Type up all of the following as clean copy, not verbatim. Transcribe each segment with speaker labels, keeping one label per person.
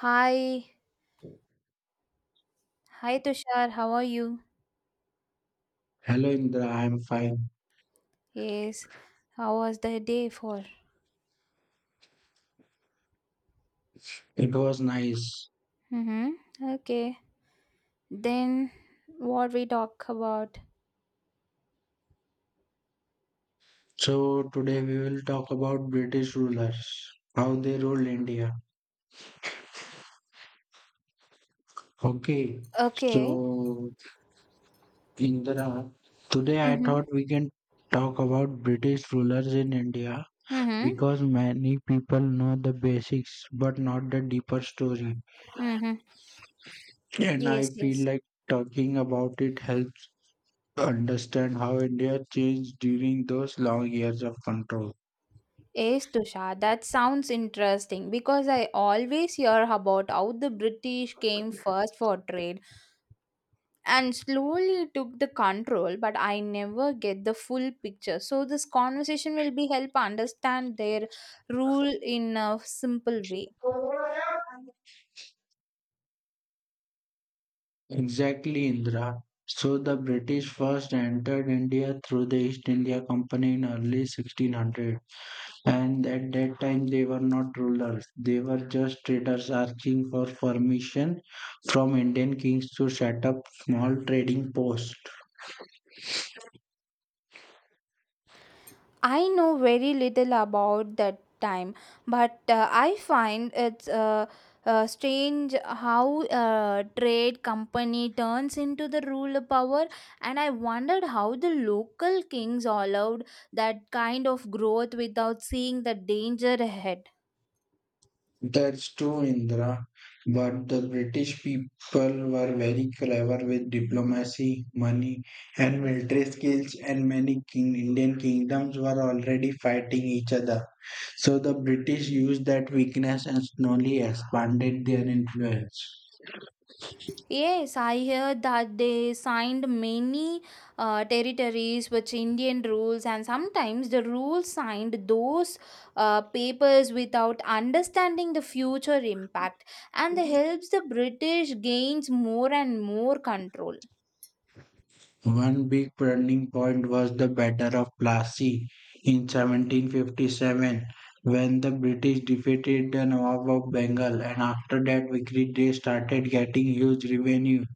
Speaker 1: Hi, hi Tushar, how are you?
Speaker 2: Hello Indra, I am fine.
Speaker 1: Yes, how was the day for?
Speaker 2: It was nice.
Speaker 1: Mm-hmm. Okay, then what we talk about?
Speaker 2: So today we will talk about British rulers, how they ruled India. Okay.
Speaker 1: Okay.
Speaker 2: So Indra, today I thought
Speaker 1: Mm-hmm.
Speaker 2: we can talk about British rulers in India
Speaker 1: Mm-hmm.
Speaker 2: because many people know the basics but not the deeper story.
Speaker 1: Mm-hmm.
Speaker 2: And I
Speaker 1: Yes,
Speaker 2: feel
Speaker 1: yes.
Speaker 2: like talking about it helps understand how India changed during those long years of control.
Speaker 1: Yes, Tushar, that sounds interesting because I always hear about how the British came first for trade and slowly took the control, but I never get the full picture, so this conversation will be help understand their rule in a simple way.
Speaker 2: Exactly, Indra. So the British first entered India through the East India Company in early 1600, and at that time they were not rulers. They were just traders asking for permission from Indian kings to set up small trading posts.
Speaker 1: I know very little about that time, but I find it's strange how trade company turns into the ruler power, and I wondered how the local kings allowed that kind of growth without seeing the danger ahead.
Speaker 2: That's true, Indra. But the British people were very clever with diplomacy, money, and military skills, and many king Indian kingdoms were already fighting each other. So the British used that weakness and slowly expanded their influence.
Speaker 1: Yes, I heard that they signed many territories with Indian rules, and sometimes the rules signed those papers without understanding the future impact, and that helps the British gains more and more control.
Speaker 2: One big turning point was the Battle of Plassey in 1757 when the British defeated the Nawab of Bengal, and after that victory they started getting huge revenue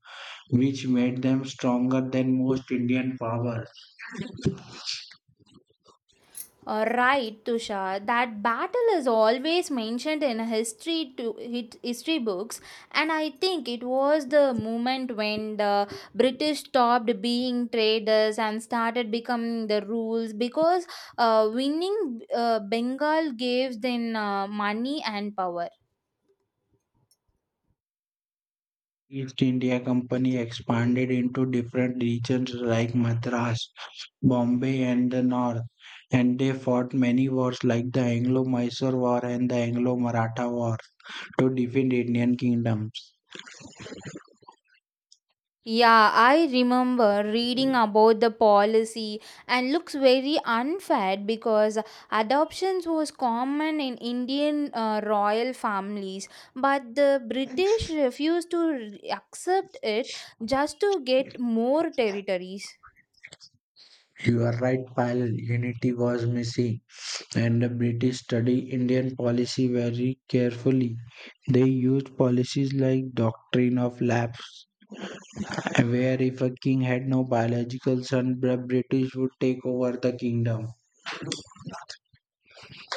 Speaker 2: which made them stronger than most Indian powers.
Speaker 1: Right, Tushar. That battle is always mentioned in history history books, and I think it was the moment when the British stopped being traders and started becoming the rules because winning Bengal gave them money and power.
Speaker 2: East India Company expanded into different regions like Madras, Bombay and the North, and they fought many wars like the Anglo-Mysore War and the Anglo-Maratha War to defend Indian kingdom.
Speaker 1: Yeah, I remember reading about the policy and looks very unfair because adoptions was common in Indian royal families, but the British refused to accept it just to get more territories.
Speaker 2: You are right, Pal. Unity was missing, and the British studied Indian policy very carefully. They used policies like doctrine of lapse, where if a king had no biological son, the British would take over the kingdom.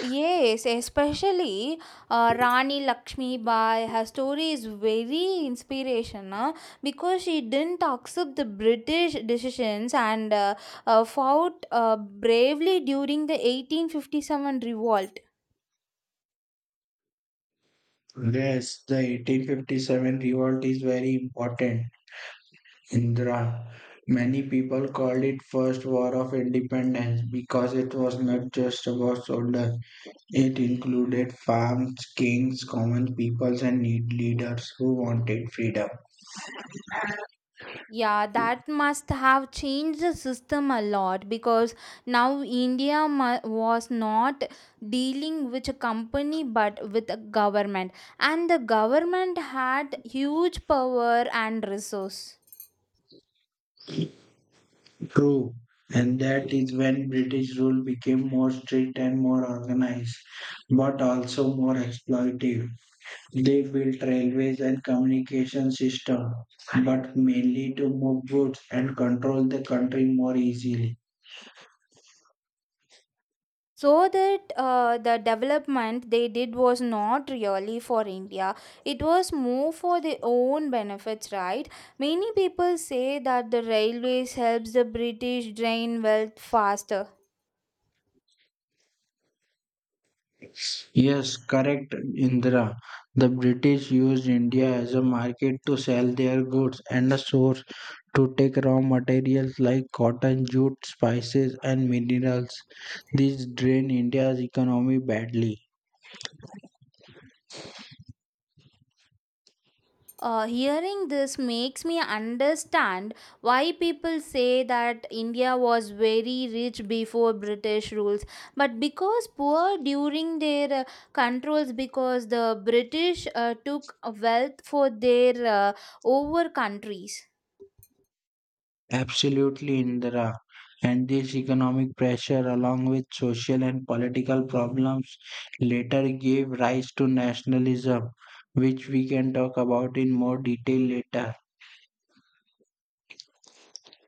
Speaker 1: Yes, especially Rani Lakshmi Bai, her story is very inspirational because she didn't accept the British decisions and fought bravely during the 1857 revolt.
Speaker 2: Yes, the 1857 revolt is very important, Indra. Many people called it first war of independence because it was not just about soldiers. It included farms, kings, common peoples, and need leaders who wanted freedom.
Speaker 1: Yeah, that must have changed the system a lot because now was not dealing with a company but with a government, and the government had huge power and resource.
Speaker 2: True, and that is when British rule became more strict and more organized, but also more exploitive. They built railways and communication system, but mainly to move goods and control the country more easily.
Speaker 1: So that the development they did was not really for India. It was more for their own benefits, right? Many people say that the railways helps the British drain wealth faster.
Speaker 2: Yes, correct, Indra. The British used India as a market to sell their goods and a source to take raw materials like cotton, jute, spices, and minerals. This drained India's economy badly.
Speaker 1: Hearing this makes me understand why people say that India was very rich before British rules, but because poor during their controls, because the British took wealth for their over countries.
Speaker 2: Absolutely, Indra. And this economic pressure, along with social and political problems, later gave rise to nationalism, which we can talk about in more detail later.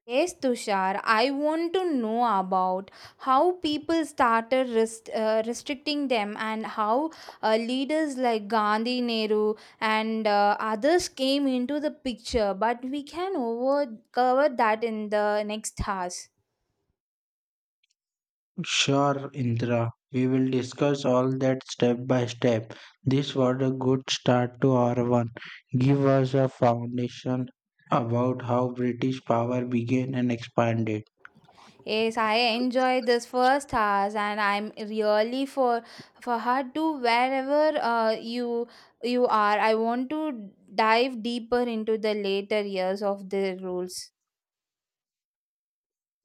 Speaker 1: Yes, Tushar, I want to know about how people started restricting them, and how leaders like Gandhi, Nehru, and others came into the picture. But we can cover that in the next hours.
Speaker 2: Sure, Indra. We will discuss all that step by step. This was a good start to our one. Give us a foundation about how British power began and expanded.
Speaker 1: Yes, I enjoyed this first hours, and I'm really for her to wherever you are. I want to dive deeper into the later years of the rules.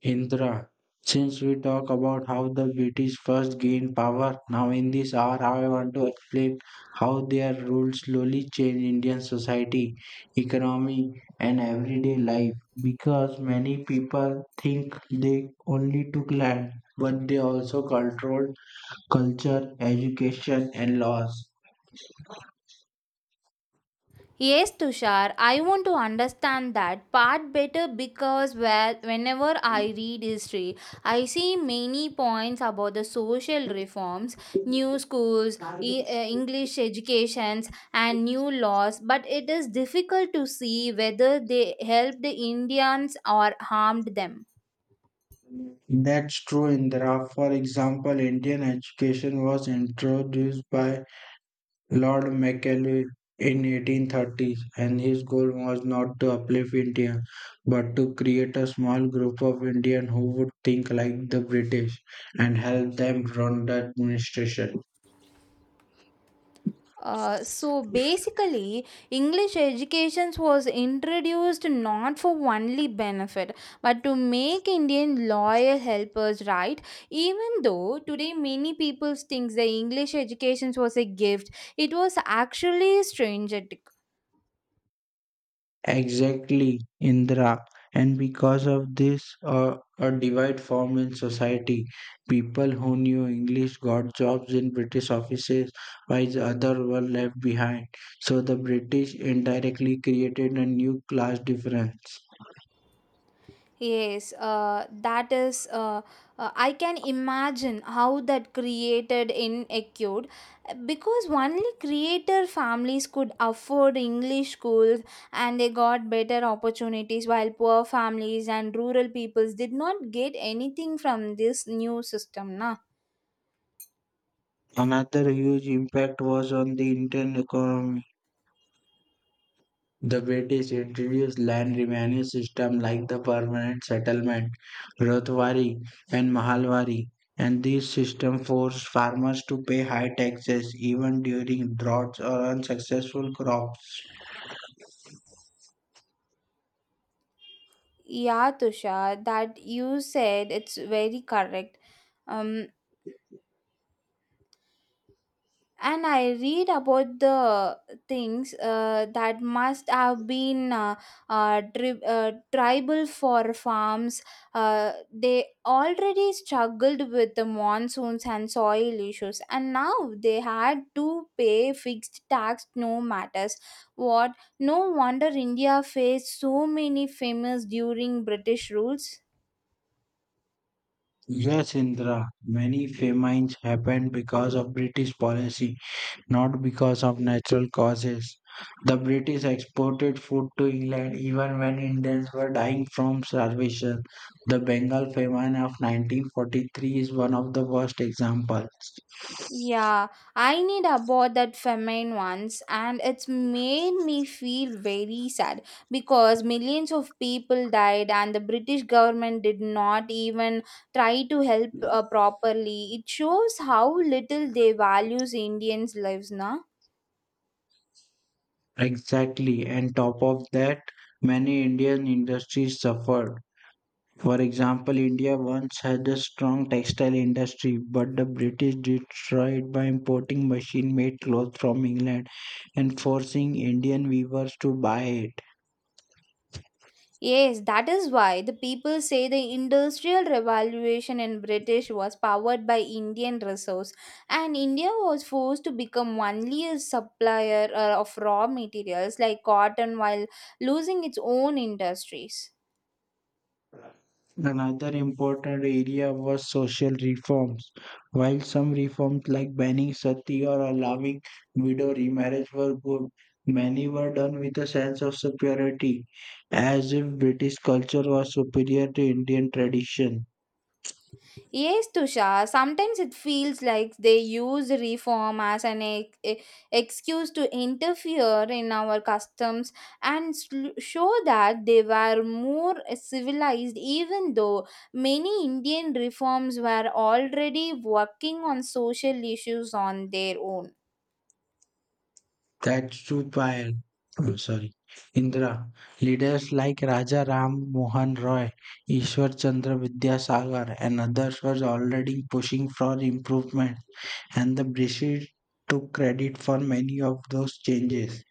Speaker 2: Indra, since we talk about how the British first gained power, now in this hour I want to explain how their rule slowly changed Indian society, economy, and everyday life. Because many people think they only took land, but they also controlled culture, education, and laws.
Speaker 1: Yes, Tushar, I want to understand that part better because whenever I read history, I see many points about the social reforms, new schools, English educations, and new laws, but it is difficult to see whether they helped the Indians or harmed them.
Speaker 2: That's true, Indra. For example, Indian education was introduced by Lord Macaulay in 1830, and his goal was not to uplift India, but to create a small group of Indians who would think like the British and help them run the administration.
Speaker 1: So basically english education was introduced not for only benefit, but to make indian loyal helpers, right? Even though today many people think the english education was a gift, it was actually a stranger.
Speaker 2: Exactly, Indra. And because of this, a divide formed in society. People who knew English got jobs in British offices, while the others were left behind. So the British indirectly created a new class difference.
Speaker 1: Yes, that is. I can imagine how that created in acute because only creator families could afford English schools, and they got better opportunities, while poor families and rural peoples did not get anything from this new system. Na?
Speaker 2: Another huge impact was on the Indian economy. The British introduced land revenue system like the permanent settlement, Rothwari and Mahalwari, and these systems forced farmers to pay high taxes even during droughts or unsuccessful crops.
Speaker 1: Yeah, Tushar, that you said it's very correct. Um, and I read about the things that must have been tribal for farms. They already struggled with the monsoons and soil issues, and now they had to pay fixed tax no matters what. No wonder india faced so many famines during british rules.
Speaker 2: Yes, Indra, many famines happened because of British policy, not because of natural causes. The British exported food to England even when Indians were dying from starvation. The Bengal famine of 1943 is one of the worst examples.
Speaker 1: Yeah, I need about that famine once, and it's made me feel very sad because millions of people died, and the British government did not even try to help properly. It shows how little they values Indians' lives, na.
Speaker 2: Exactly, and top of that, many Indian industries suffered. For example, India once had a strong textile industry, but the British destroyed by importing machine made clothes from England and forcing Indian weavers to buy it.
Speaker 1: Yes, that is why the people say the industrial revolution in British was powered by Indian resource, and India was forced to become only a supplier of raw materials like cotton while losing its own industries.
Speaker 2: Another important area was social reforms. While some reforms like banning sati or allowing widow remarriage were good, many were done with a sense of superiority, as if British culture was superior to Indian tradition.
Speaker 1: Yes, Tushar. Sometimes it feels like they use reform as an excuse to interfere in our customs and show that they were more civilized, even though many Indian reforms were already working on social issues on their own.
Speaker 2: That's true, Payal. I'm sorry. Indra, leaders like Raja Ram Mohan Roy, Ishwar Chandra Vidyasagar, and others were already pushing for improvement, and the British took credit for many of those changes.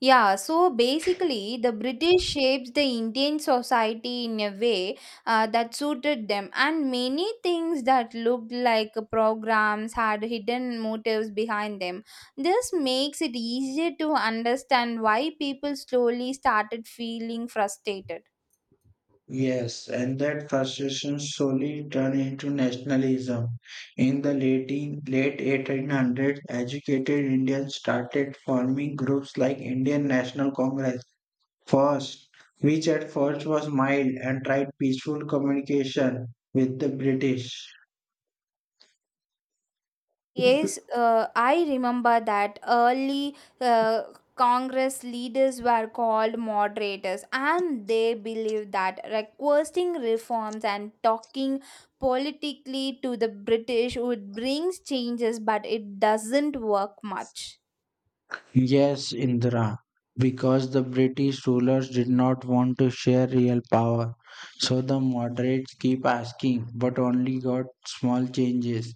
Speaker 1: Yeah, so basically, the British shaped the Indian society in a way that suited them, and many things that looked like programs had hidden motives behind them. This makes it easier to understand why people slowly started feeling frustrated.
Speaker 2: Yes, and that frustration slowly turned into nationalism. In the late 1800s, educated Indians started forming groups like Indian National Congress first, which at first was mild and tried peaceful communication with the British.
Speaker 1: Yes, I remember that early Congress leaders were called moderators, and they believed that requesting reforms and talking politically to the British would bring changes, but it doesn't work much.
Speaker 2: Yes, Indra, because the British rulers did not want to share real power. So the moderates keep asking, but only got small changes.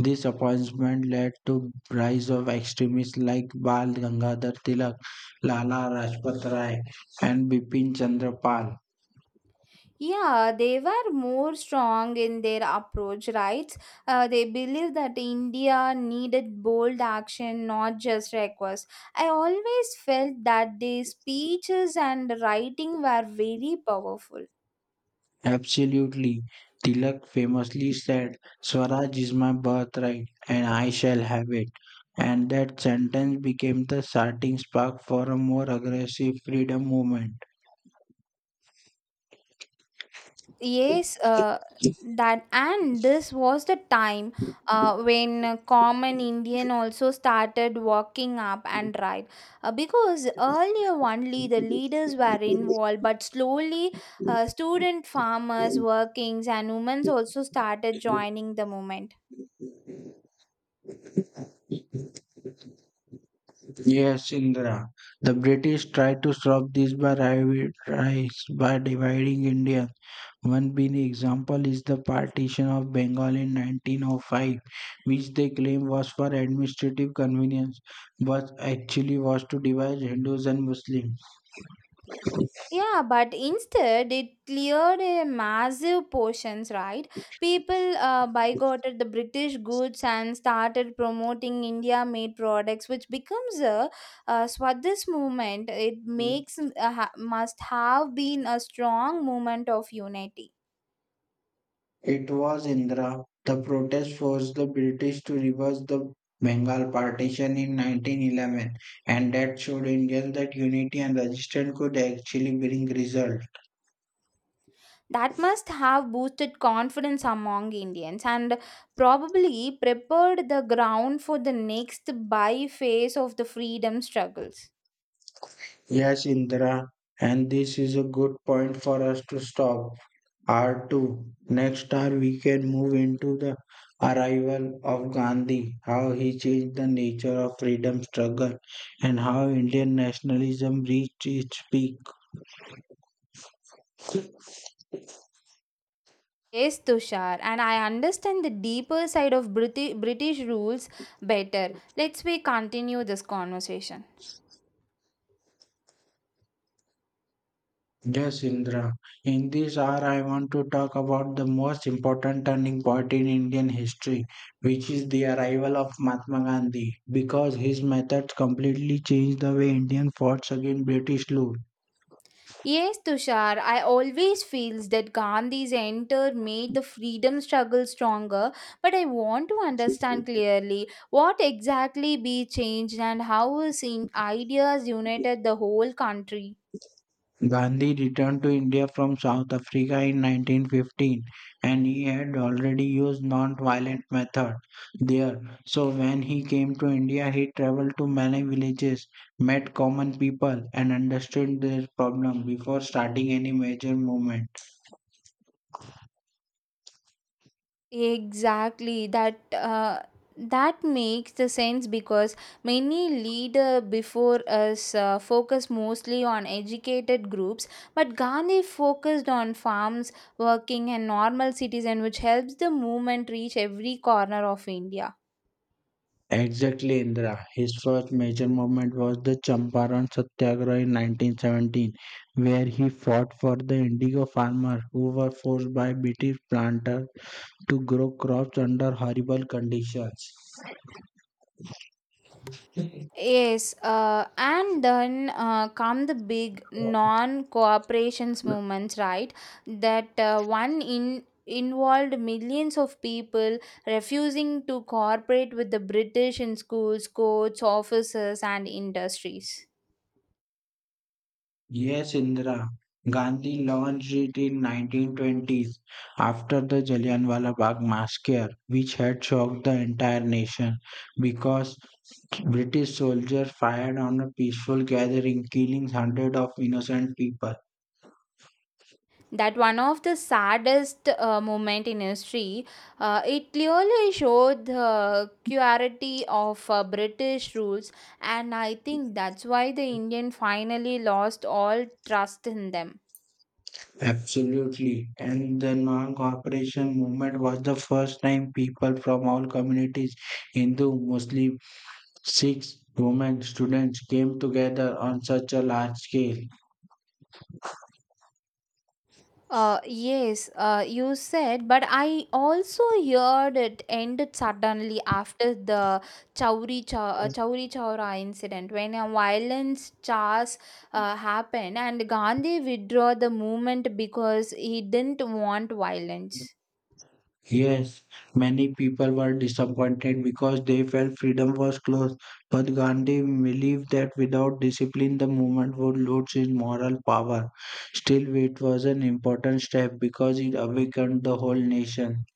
Speaker 2: This appointment led to rise of extremists like Bal Gangadhar Tilak, Lala Rajpat Rai, and Bipin Chandra Pal.
Speaker 1: Yeah, they were more strong in their approach, right? They believed that India needed bold action, not just requests. I always felt that their speeches and writing were very powerful.
Speaker 2: Absolutely. Tilak famously said, Swaraj is my birthright and I shall have it. And that sentence became the starting spark for a more aggressive freedom movement.
Speaker 1: Yes, that and this was the time when a common Indian also started walking up and right because earlier only the leaders were involved, but slowly student farmers, workings, and women also started joining the movement.
Speaker 2: Yes, Indra. The British tried to stop this by rise by dividing India. One big example is the partition of Bengal in 1905, which they claim was for administrative convenience, but actually was to divide Hindus and Muslims.
Speaker 1: Yeah, but instead it cleared a massive portions, right? People boycotted the British goods and started promoting India-made products, which becomes a, Swadesh movement. It makes must have been a strong movement of unity.
Speaker 2: It was Indira. The protest forced the British to reverse the Bengal partition in 1911, and that showed Indians that unity and resistance could actually bring result.
Speaker 1: That must have boosted confidence among Indians and probably prepared the ground for the next buy phase of the freedom struggles.
Speaker 2: Yes, Indira, and this is a good point for us to stop. R2. Next hour, we can move into the arrival of Gandhi, how he changed the nature of freedom struggle, and how Indian nationalism reached its peak.
Speaker 1: Yes, Tushar, and I understand the deeper side of British rules better. Let's we continue this conversation.
Speaker 2: Yes, Indra. In this hour, I want to talk about the most important turning point in Indian history, which is the arrival of Mahatma Gandhi, because his methods completely changed the way Indian fought against British rule.
Speaker 1: Yes, Tushar, I always feels that Gandhi's enter made the freedom struggle stronger, but I want to understand clearly what exactly be changed and how his ideas united the whole country.
Speaker 2: Gandhi returned to India from South Africa in 1915, and he had already used non-violent method there. So when he came to India, he traveled to many villages, met common people and understood their problem before starting any major movement.
Speaker 1: Exactly. That makes the sense because many leader before us focus mostly on educated groups, but Gandhi focused on farms, working, and normal citizen, which helps the movement reach every corner of India.
Speaker 2: Exactly, Indra. His first major movement was the Champaran Satyagraha in 1917, where he fought for the indigo farmers who were forced by British planters to grow crops under horrible conditions.
Speaker 1: Yes, and then come the big non-cooperations movements, right? That one in involved millions of people refusing to cooperate with the British in schools, courts, offices, and industries.
Speaker 2: Yes, Indra. Gandhi launched it in 1920s after the Jallianwala Bagh massacre, which had shocked the entire nation because British soldiers fired on a peaceful gathering, killing hundreds of innocent people.
Speaker 1: That one of the saddest moment in history. It clearly showed the cruelty of british rules, and I think that's why the indian finally lost all trust in them.
Speaker 2: Absolutely. And the non-cooperation movement was the first time people from all communities, Hindu, Muslim, Six women students came together on such a large scale.
Speaker 1: Yes, you said, but I also heard it ended suddenly after the Chowri Chowra incident when a violence charge happened, and Gandhi withdrew the movement because he didn't want violence.
Speaker 2: Yes, many people were disappointed because they felt freedom was close, but Gandhi believed that without discipline the movement would lose its moral power. Still, it was an important step because it awakened the whole nation.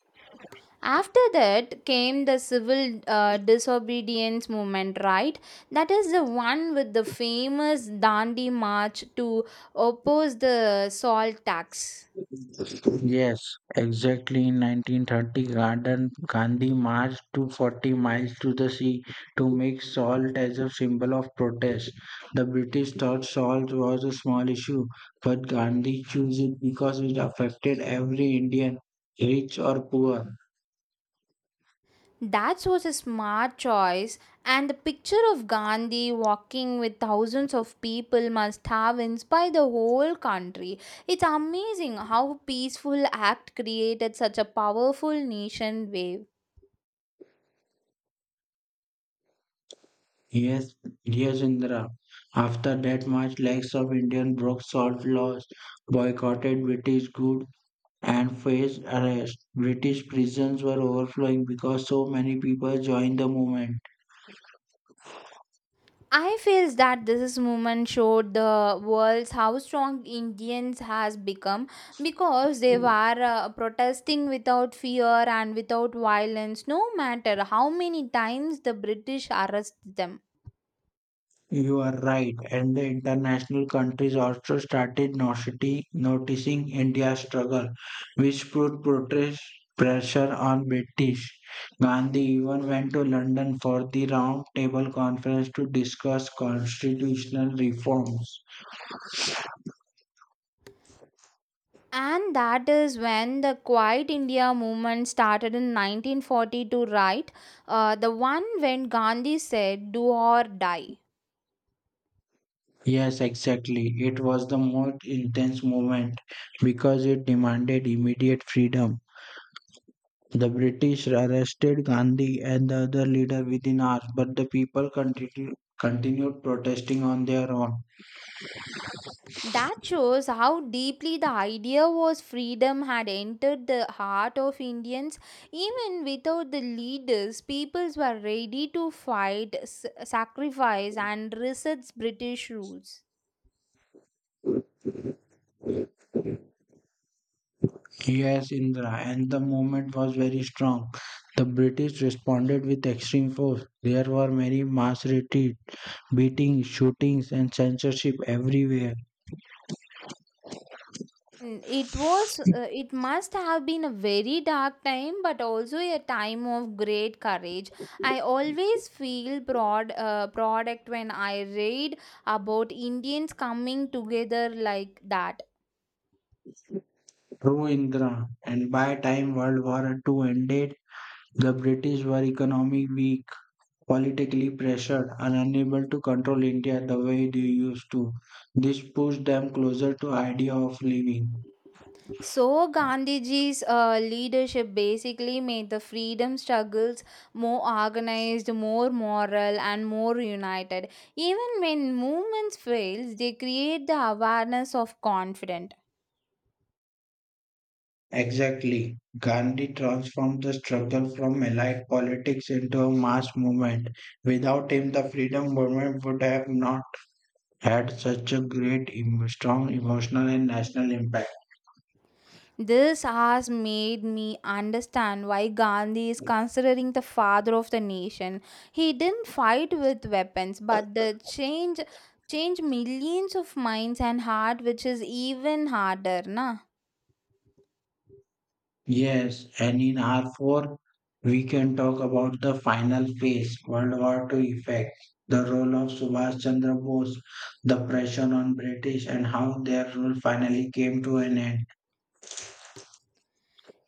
Speaker 1: After that came the civil disobedience movement, right? That is the one with the famous Dandi march to oppose the salt tax.
Speaker 2: Yes, exactly. In 1930, Garden Gandhi marched to 40 miles to the sea to make salt as a symbol of protest. The British thought salt was a small issue, but Gandhi chose it because it affected every Indian, rich or poor.
Speaker 1: That was a smart choice, and the picture of Gandhi walking with thousands of people must have inspired the whole country. It's amazing how peaceful act created such a powerful nation wave.
Speaker 2: Yes, yes, Indra. After that march, lakhs of Indian broke salt laws, boycotted British goods, and faced arrest. British prisons were overflowing because so many people joined the movement.
Speaker 1: I feels that this movement showed the world how strong Indians has become because they were protesting without fear and without violence, no matter how many times the British arrest them.
Speaker 2: You are right, and the international countries also started noticing India's struggle, which put protest pressure on British. Gandhi even went to London for the Round Table Conference to discuss constitutional reforms.
Speaker 1: And that is when the Quiet India movement started in 1942, right? The one when Gandhi said, do or die.
Speaker 2: Yes, exactly. It was the most intense moment because it demanded immediate freedom. The British arrested Gandhi and the other leaders within hours, but the people continued protesting on their own.
Speaker 1: That shows how deeply the idea was freedom had entered the heart of Indians. Even without the leaders, peoples were ready to fight, sacrifice, and resist British rules.
Speaker 2: Yes, Indra, and the movement was very strong. The British responded with extreme force. There were many mass retreats, beatings, shootings, and censorship everywhere.
Speaker 1: It it must have been a very dark time, but also a time of great courage. I always feel product when I read about Indians coming together like that.
Speaker 2: True, Indra, and by time World War Two ended, the British were economically weak, politically pressured and unable to control India the way they used to. This pushed them closer to idea of leaving.
Speaker 1: So, Gandhiji's leadership basically made the freedom struggles more organized, more moral, and more united. Even when movements fail, they create the awareness of confidence.
Speaker 2: Exactly. Gandhi transformed the struggle from allied politics into a mass movement. Without him, the freedom movement would have not had such a great, strong emotional and national impact.
Speaker 1: This has made me understand why Gandhi is considering the father of the nation. He didn't fight with weapons, but the change change millions of minds and heart, which is even harder, na?
Speaker 2: Yes, and in R4, we can talk about the final phase, World War Two effect, the role of Subhash Chandra Bose, the pressure on British, and how their rule finally came to an end.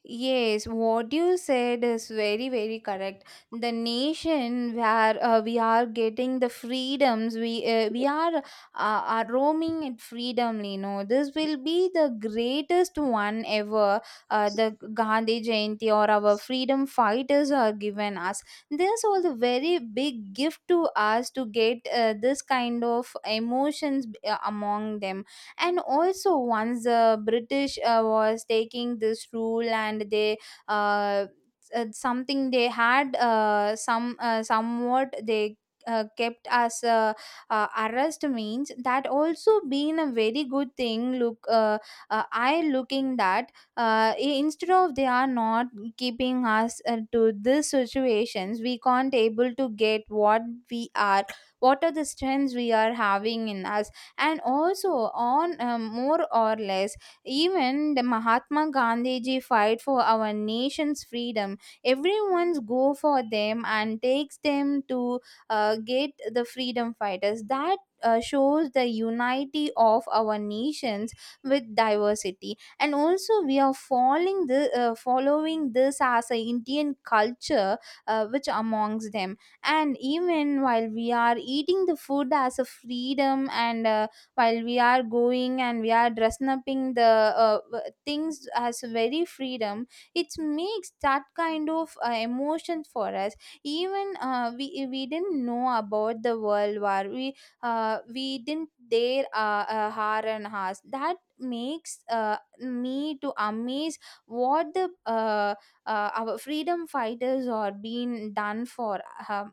Speaker 1: Yes, what you said is very correct. The nation where we are getting the freedoms, we are roaming in freedom. You know, this will be the greatest one ever. The Gandhi Jayanti or our freedom fighters are given us. This was a very big gift to us to get this kind of emotions among them, and also once the british was taking this rule and they uh, something they had somewhat they kept as arrest means that also been a very good thing look I looking that instead of they are not keeping us to this situations we can't able to get what we are what are the strengths we are having in us, and also on more or less even the mahatma gandhiji fight for our nation's freedom everyone's go for them and takes them to get the freedom fighters that shows the unity of our nations with diversity, and also we are following the following this as a indian culture which amongst them, and even while we are eating the food as a freedom and while we are going and we are dressing up in the things as very freedom, it makes that kind of emotion for us, even we didn't know about the world war we didn't dare har and has that makes me to amaze what the uh, our freedom fighters are being done for uh,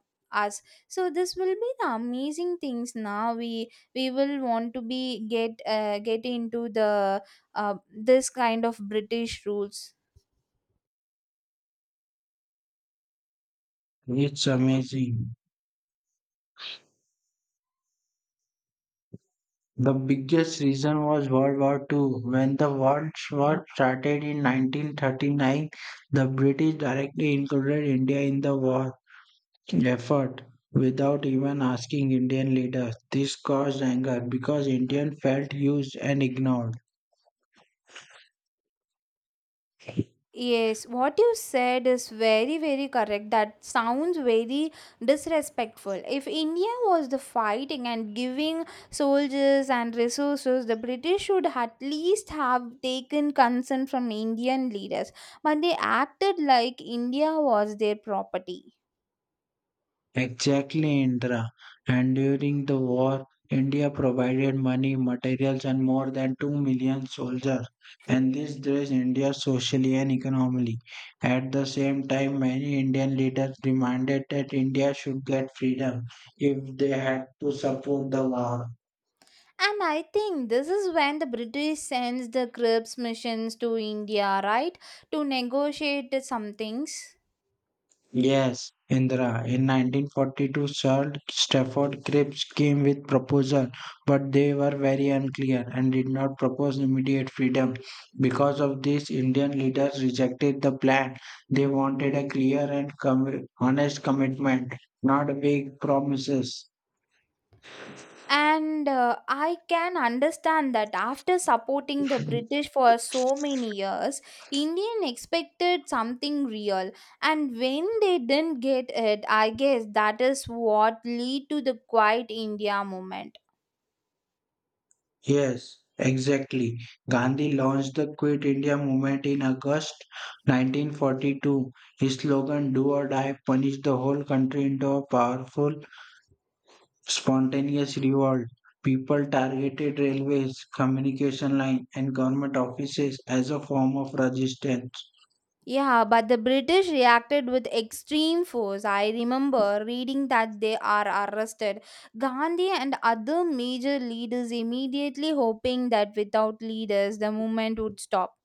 Speaker 1: us, so this will be the amazing things now we will want to be get into the uh, this kind of british rules.
Speaker 2: It's amazing. The biggest reason was World War Two. When the World War started in 1939, the British directly included India in the war effort without even asking Indian leaders. This caused anger because Indian felt used and ignored.
Speaker 1: Yes, what you said is very correct. That sounds very disrespectful. If India was the fighting and giving soldiers and resources, the British should at least have taken consent from Indian leaders. But they acted like India was their property.
Speaker 2: Exactly, Indra. And during the war, India provided money, materials, and more than 2 million soldiers, and this dressed India socially and economically. At the same time, many Indian leaders demanded that India should get freedom if they had to support the war.
Speaker 1: And I think this is when the British sends the Crips missions to India, right, to negotiate some things.
Speaker 2: Yes, Indra. In 1942, Sir Stafford Cripps came with proposal, but they were very unclear and did not propose immediate freedom. Because of this, Indian leaders rejected the plan. They wanted a clear and honest commitment, not vague promises.
Speaker 1: And I can understand that after supporting the British for so many years, Indian expected something real. And when they didn't get it, I guess that is what lead to the Quiet India movement.
Speaker 2: Yes, exactly. Gandhi launched the Quit India movement in August 1942. His slogan, Do or Die, punished the whole country into a powerful Spontaneous revolt. People targeted railways, communication line, and government offices as a form of resistance.
Speaker 1: Yeah, but the British reacted with extreme force. I remember reading that they are arrested. Gandhi and other major leaders immediately hoping that without leaders the movement would stop.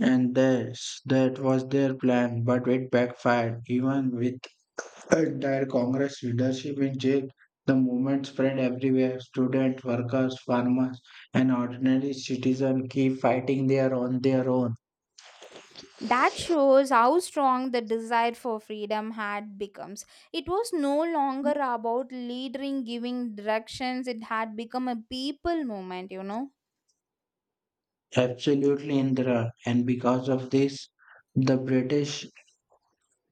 Speaker 2: That was their plan, but it backfired. Even with entire Congress leadership in jail, the movement spread everywhere. Students, workers, farmers, and ordinary citizens keep fighting there on their own.
Speaker 1: That shows how strong the desire for freedom had become. It was no longer about leading giving directions, it had become a people movement, you know.
Speaker 2: Absolutely, Indra. And because of this, the British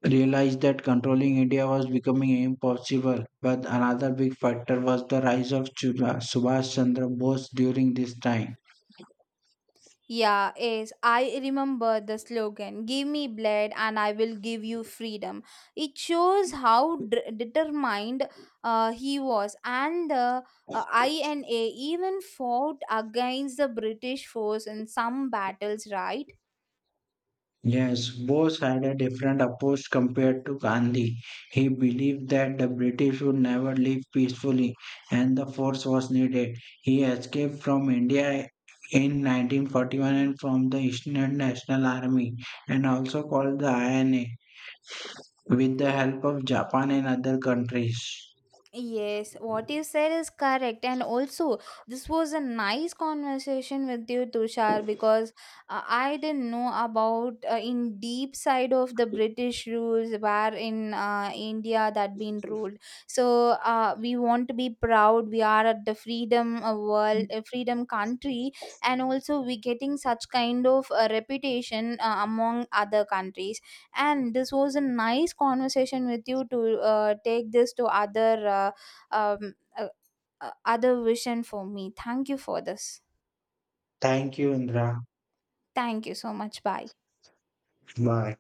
Speaker 2: realized that controlling India was becoming impossible. But another big factor was the rise of Chula, Subhash Chandra Bose during this time.
Speaker 1: Yeah, yes, I remember the slogan Give me blood and I will give you freedom. It shows how determined he was, and the INA even fought against the British force in some battles, right?
Speaker 2: Yes, Bose had a different approach compared to Gandhi. He believed that the British would never leave peacefully and the force was needed. He escaped from India in 1941 and from the Indian National Army and also called the INA with the help of Japan and other countries.
Speaker 1: Yes, what you said is correct. And also, this was a nice conversation with you, Tushar, because I didn't know about in deep side of the British rules where in India that been ruled. So we want to be proud. We are at the freedom freedom country, and also we getting such kind of reputation among other countries, and this was a nice conversation with you to take this to other um, uh, other vision for me. Thank you for this.
Speaker 2: Thank you, Indra.
Speaker 1: Thank you so much, bye.
Speaker 2: My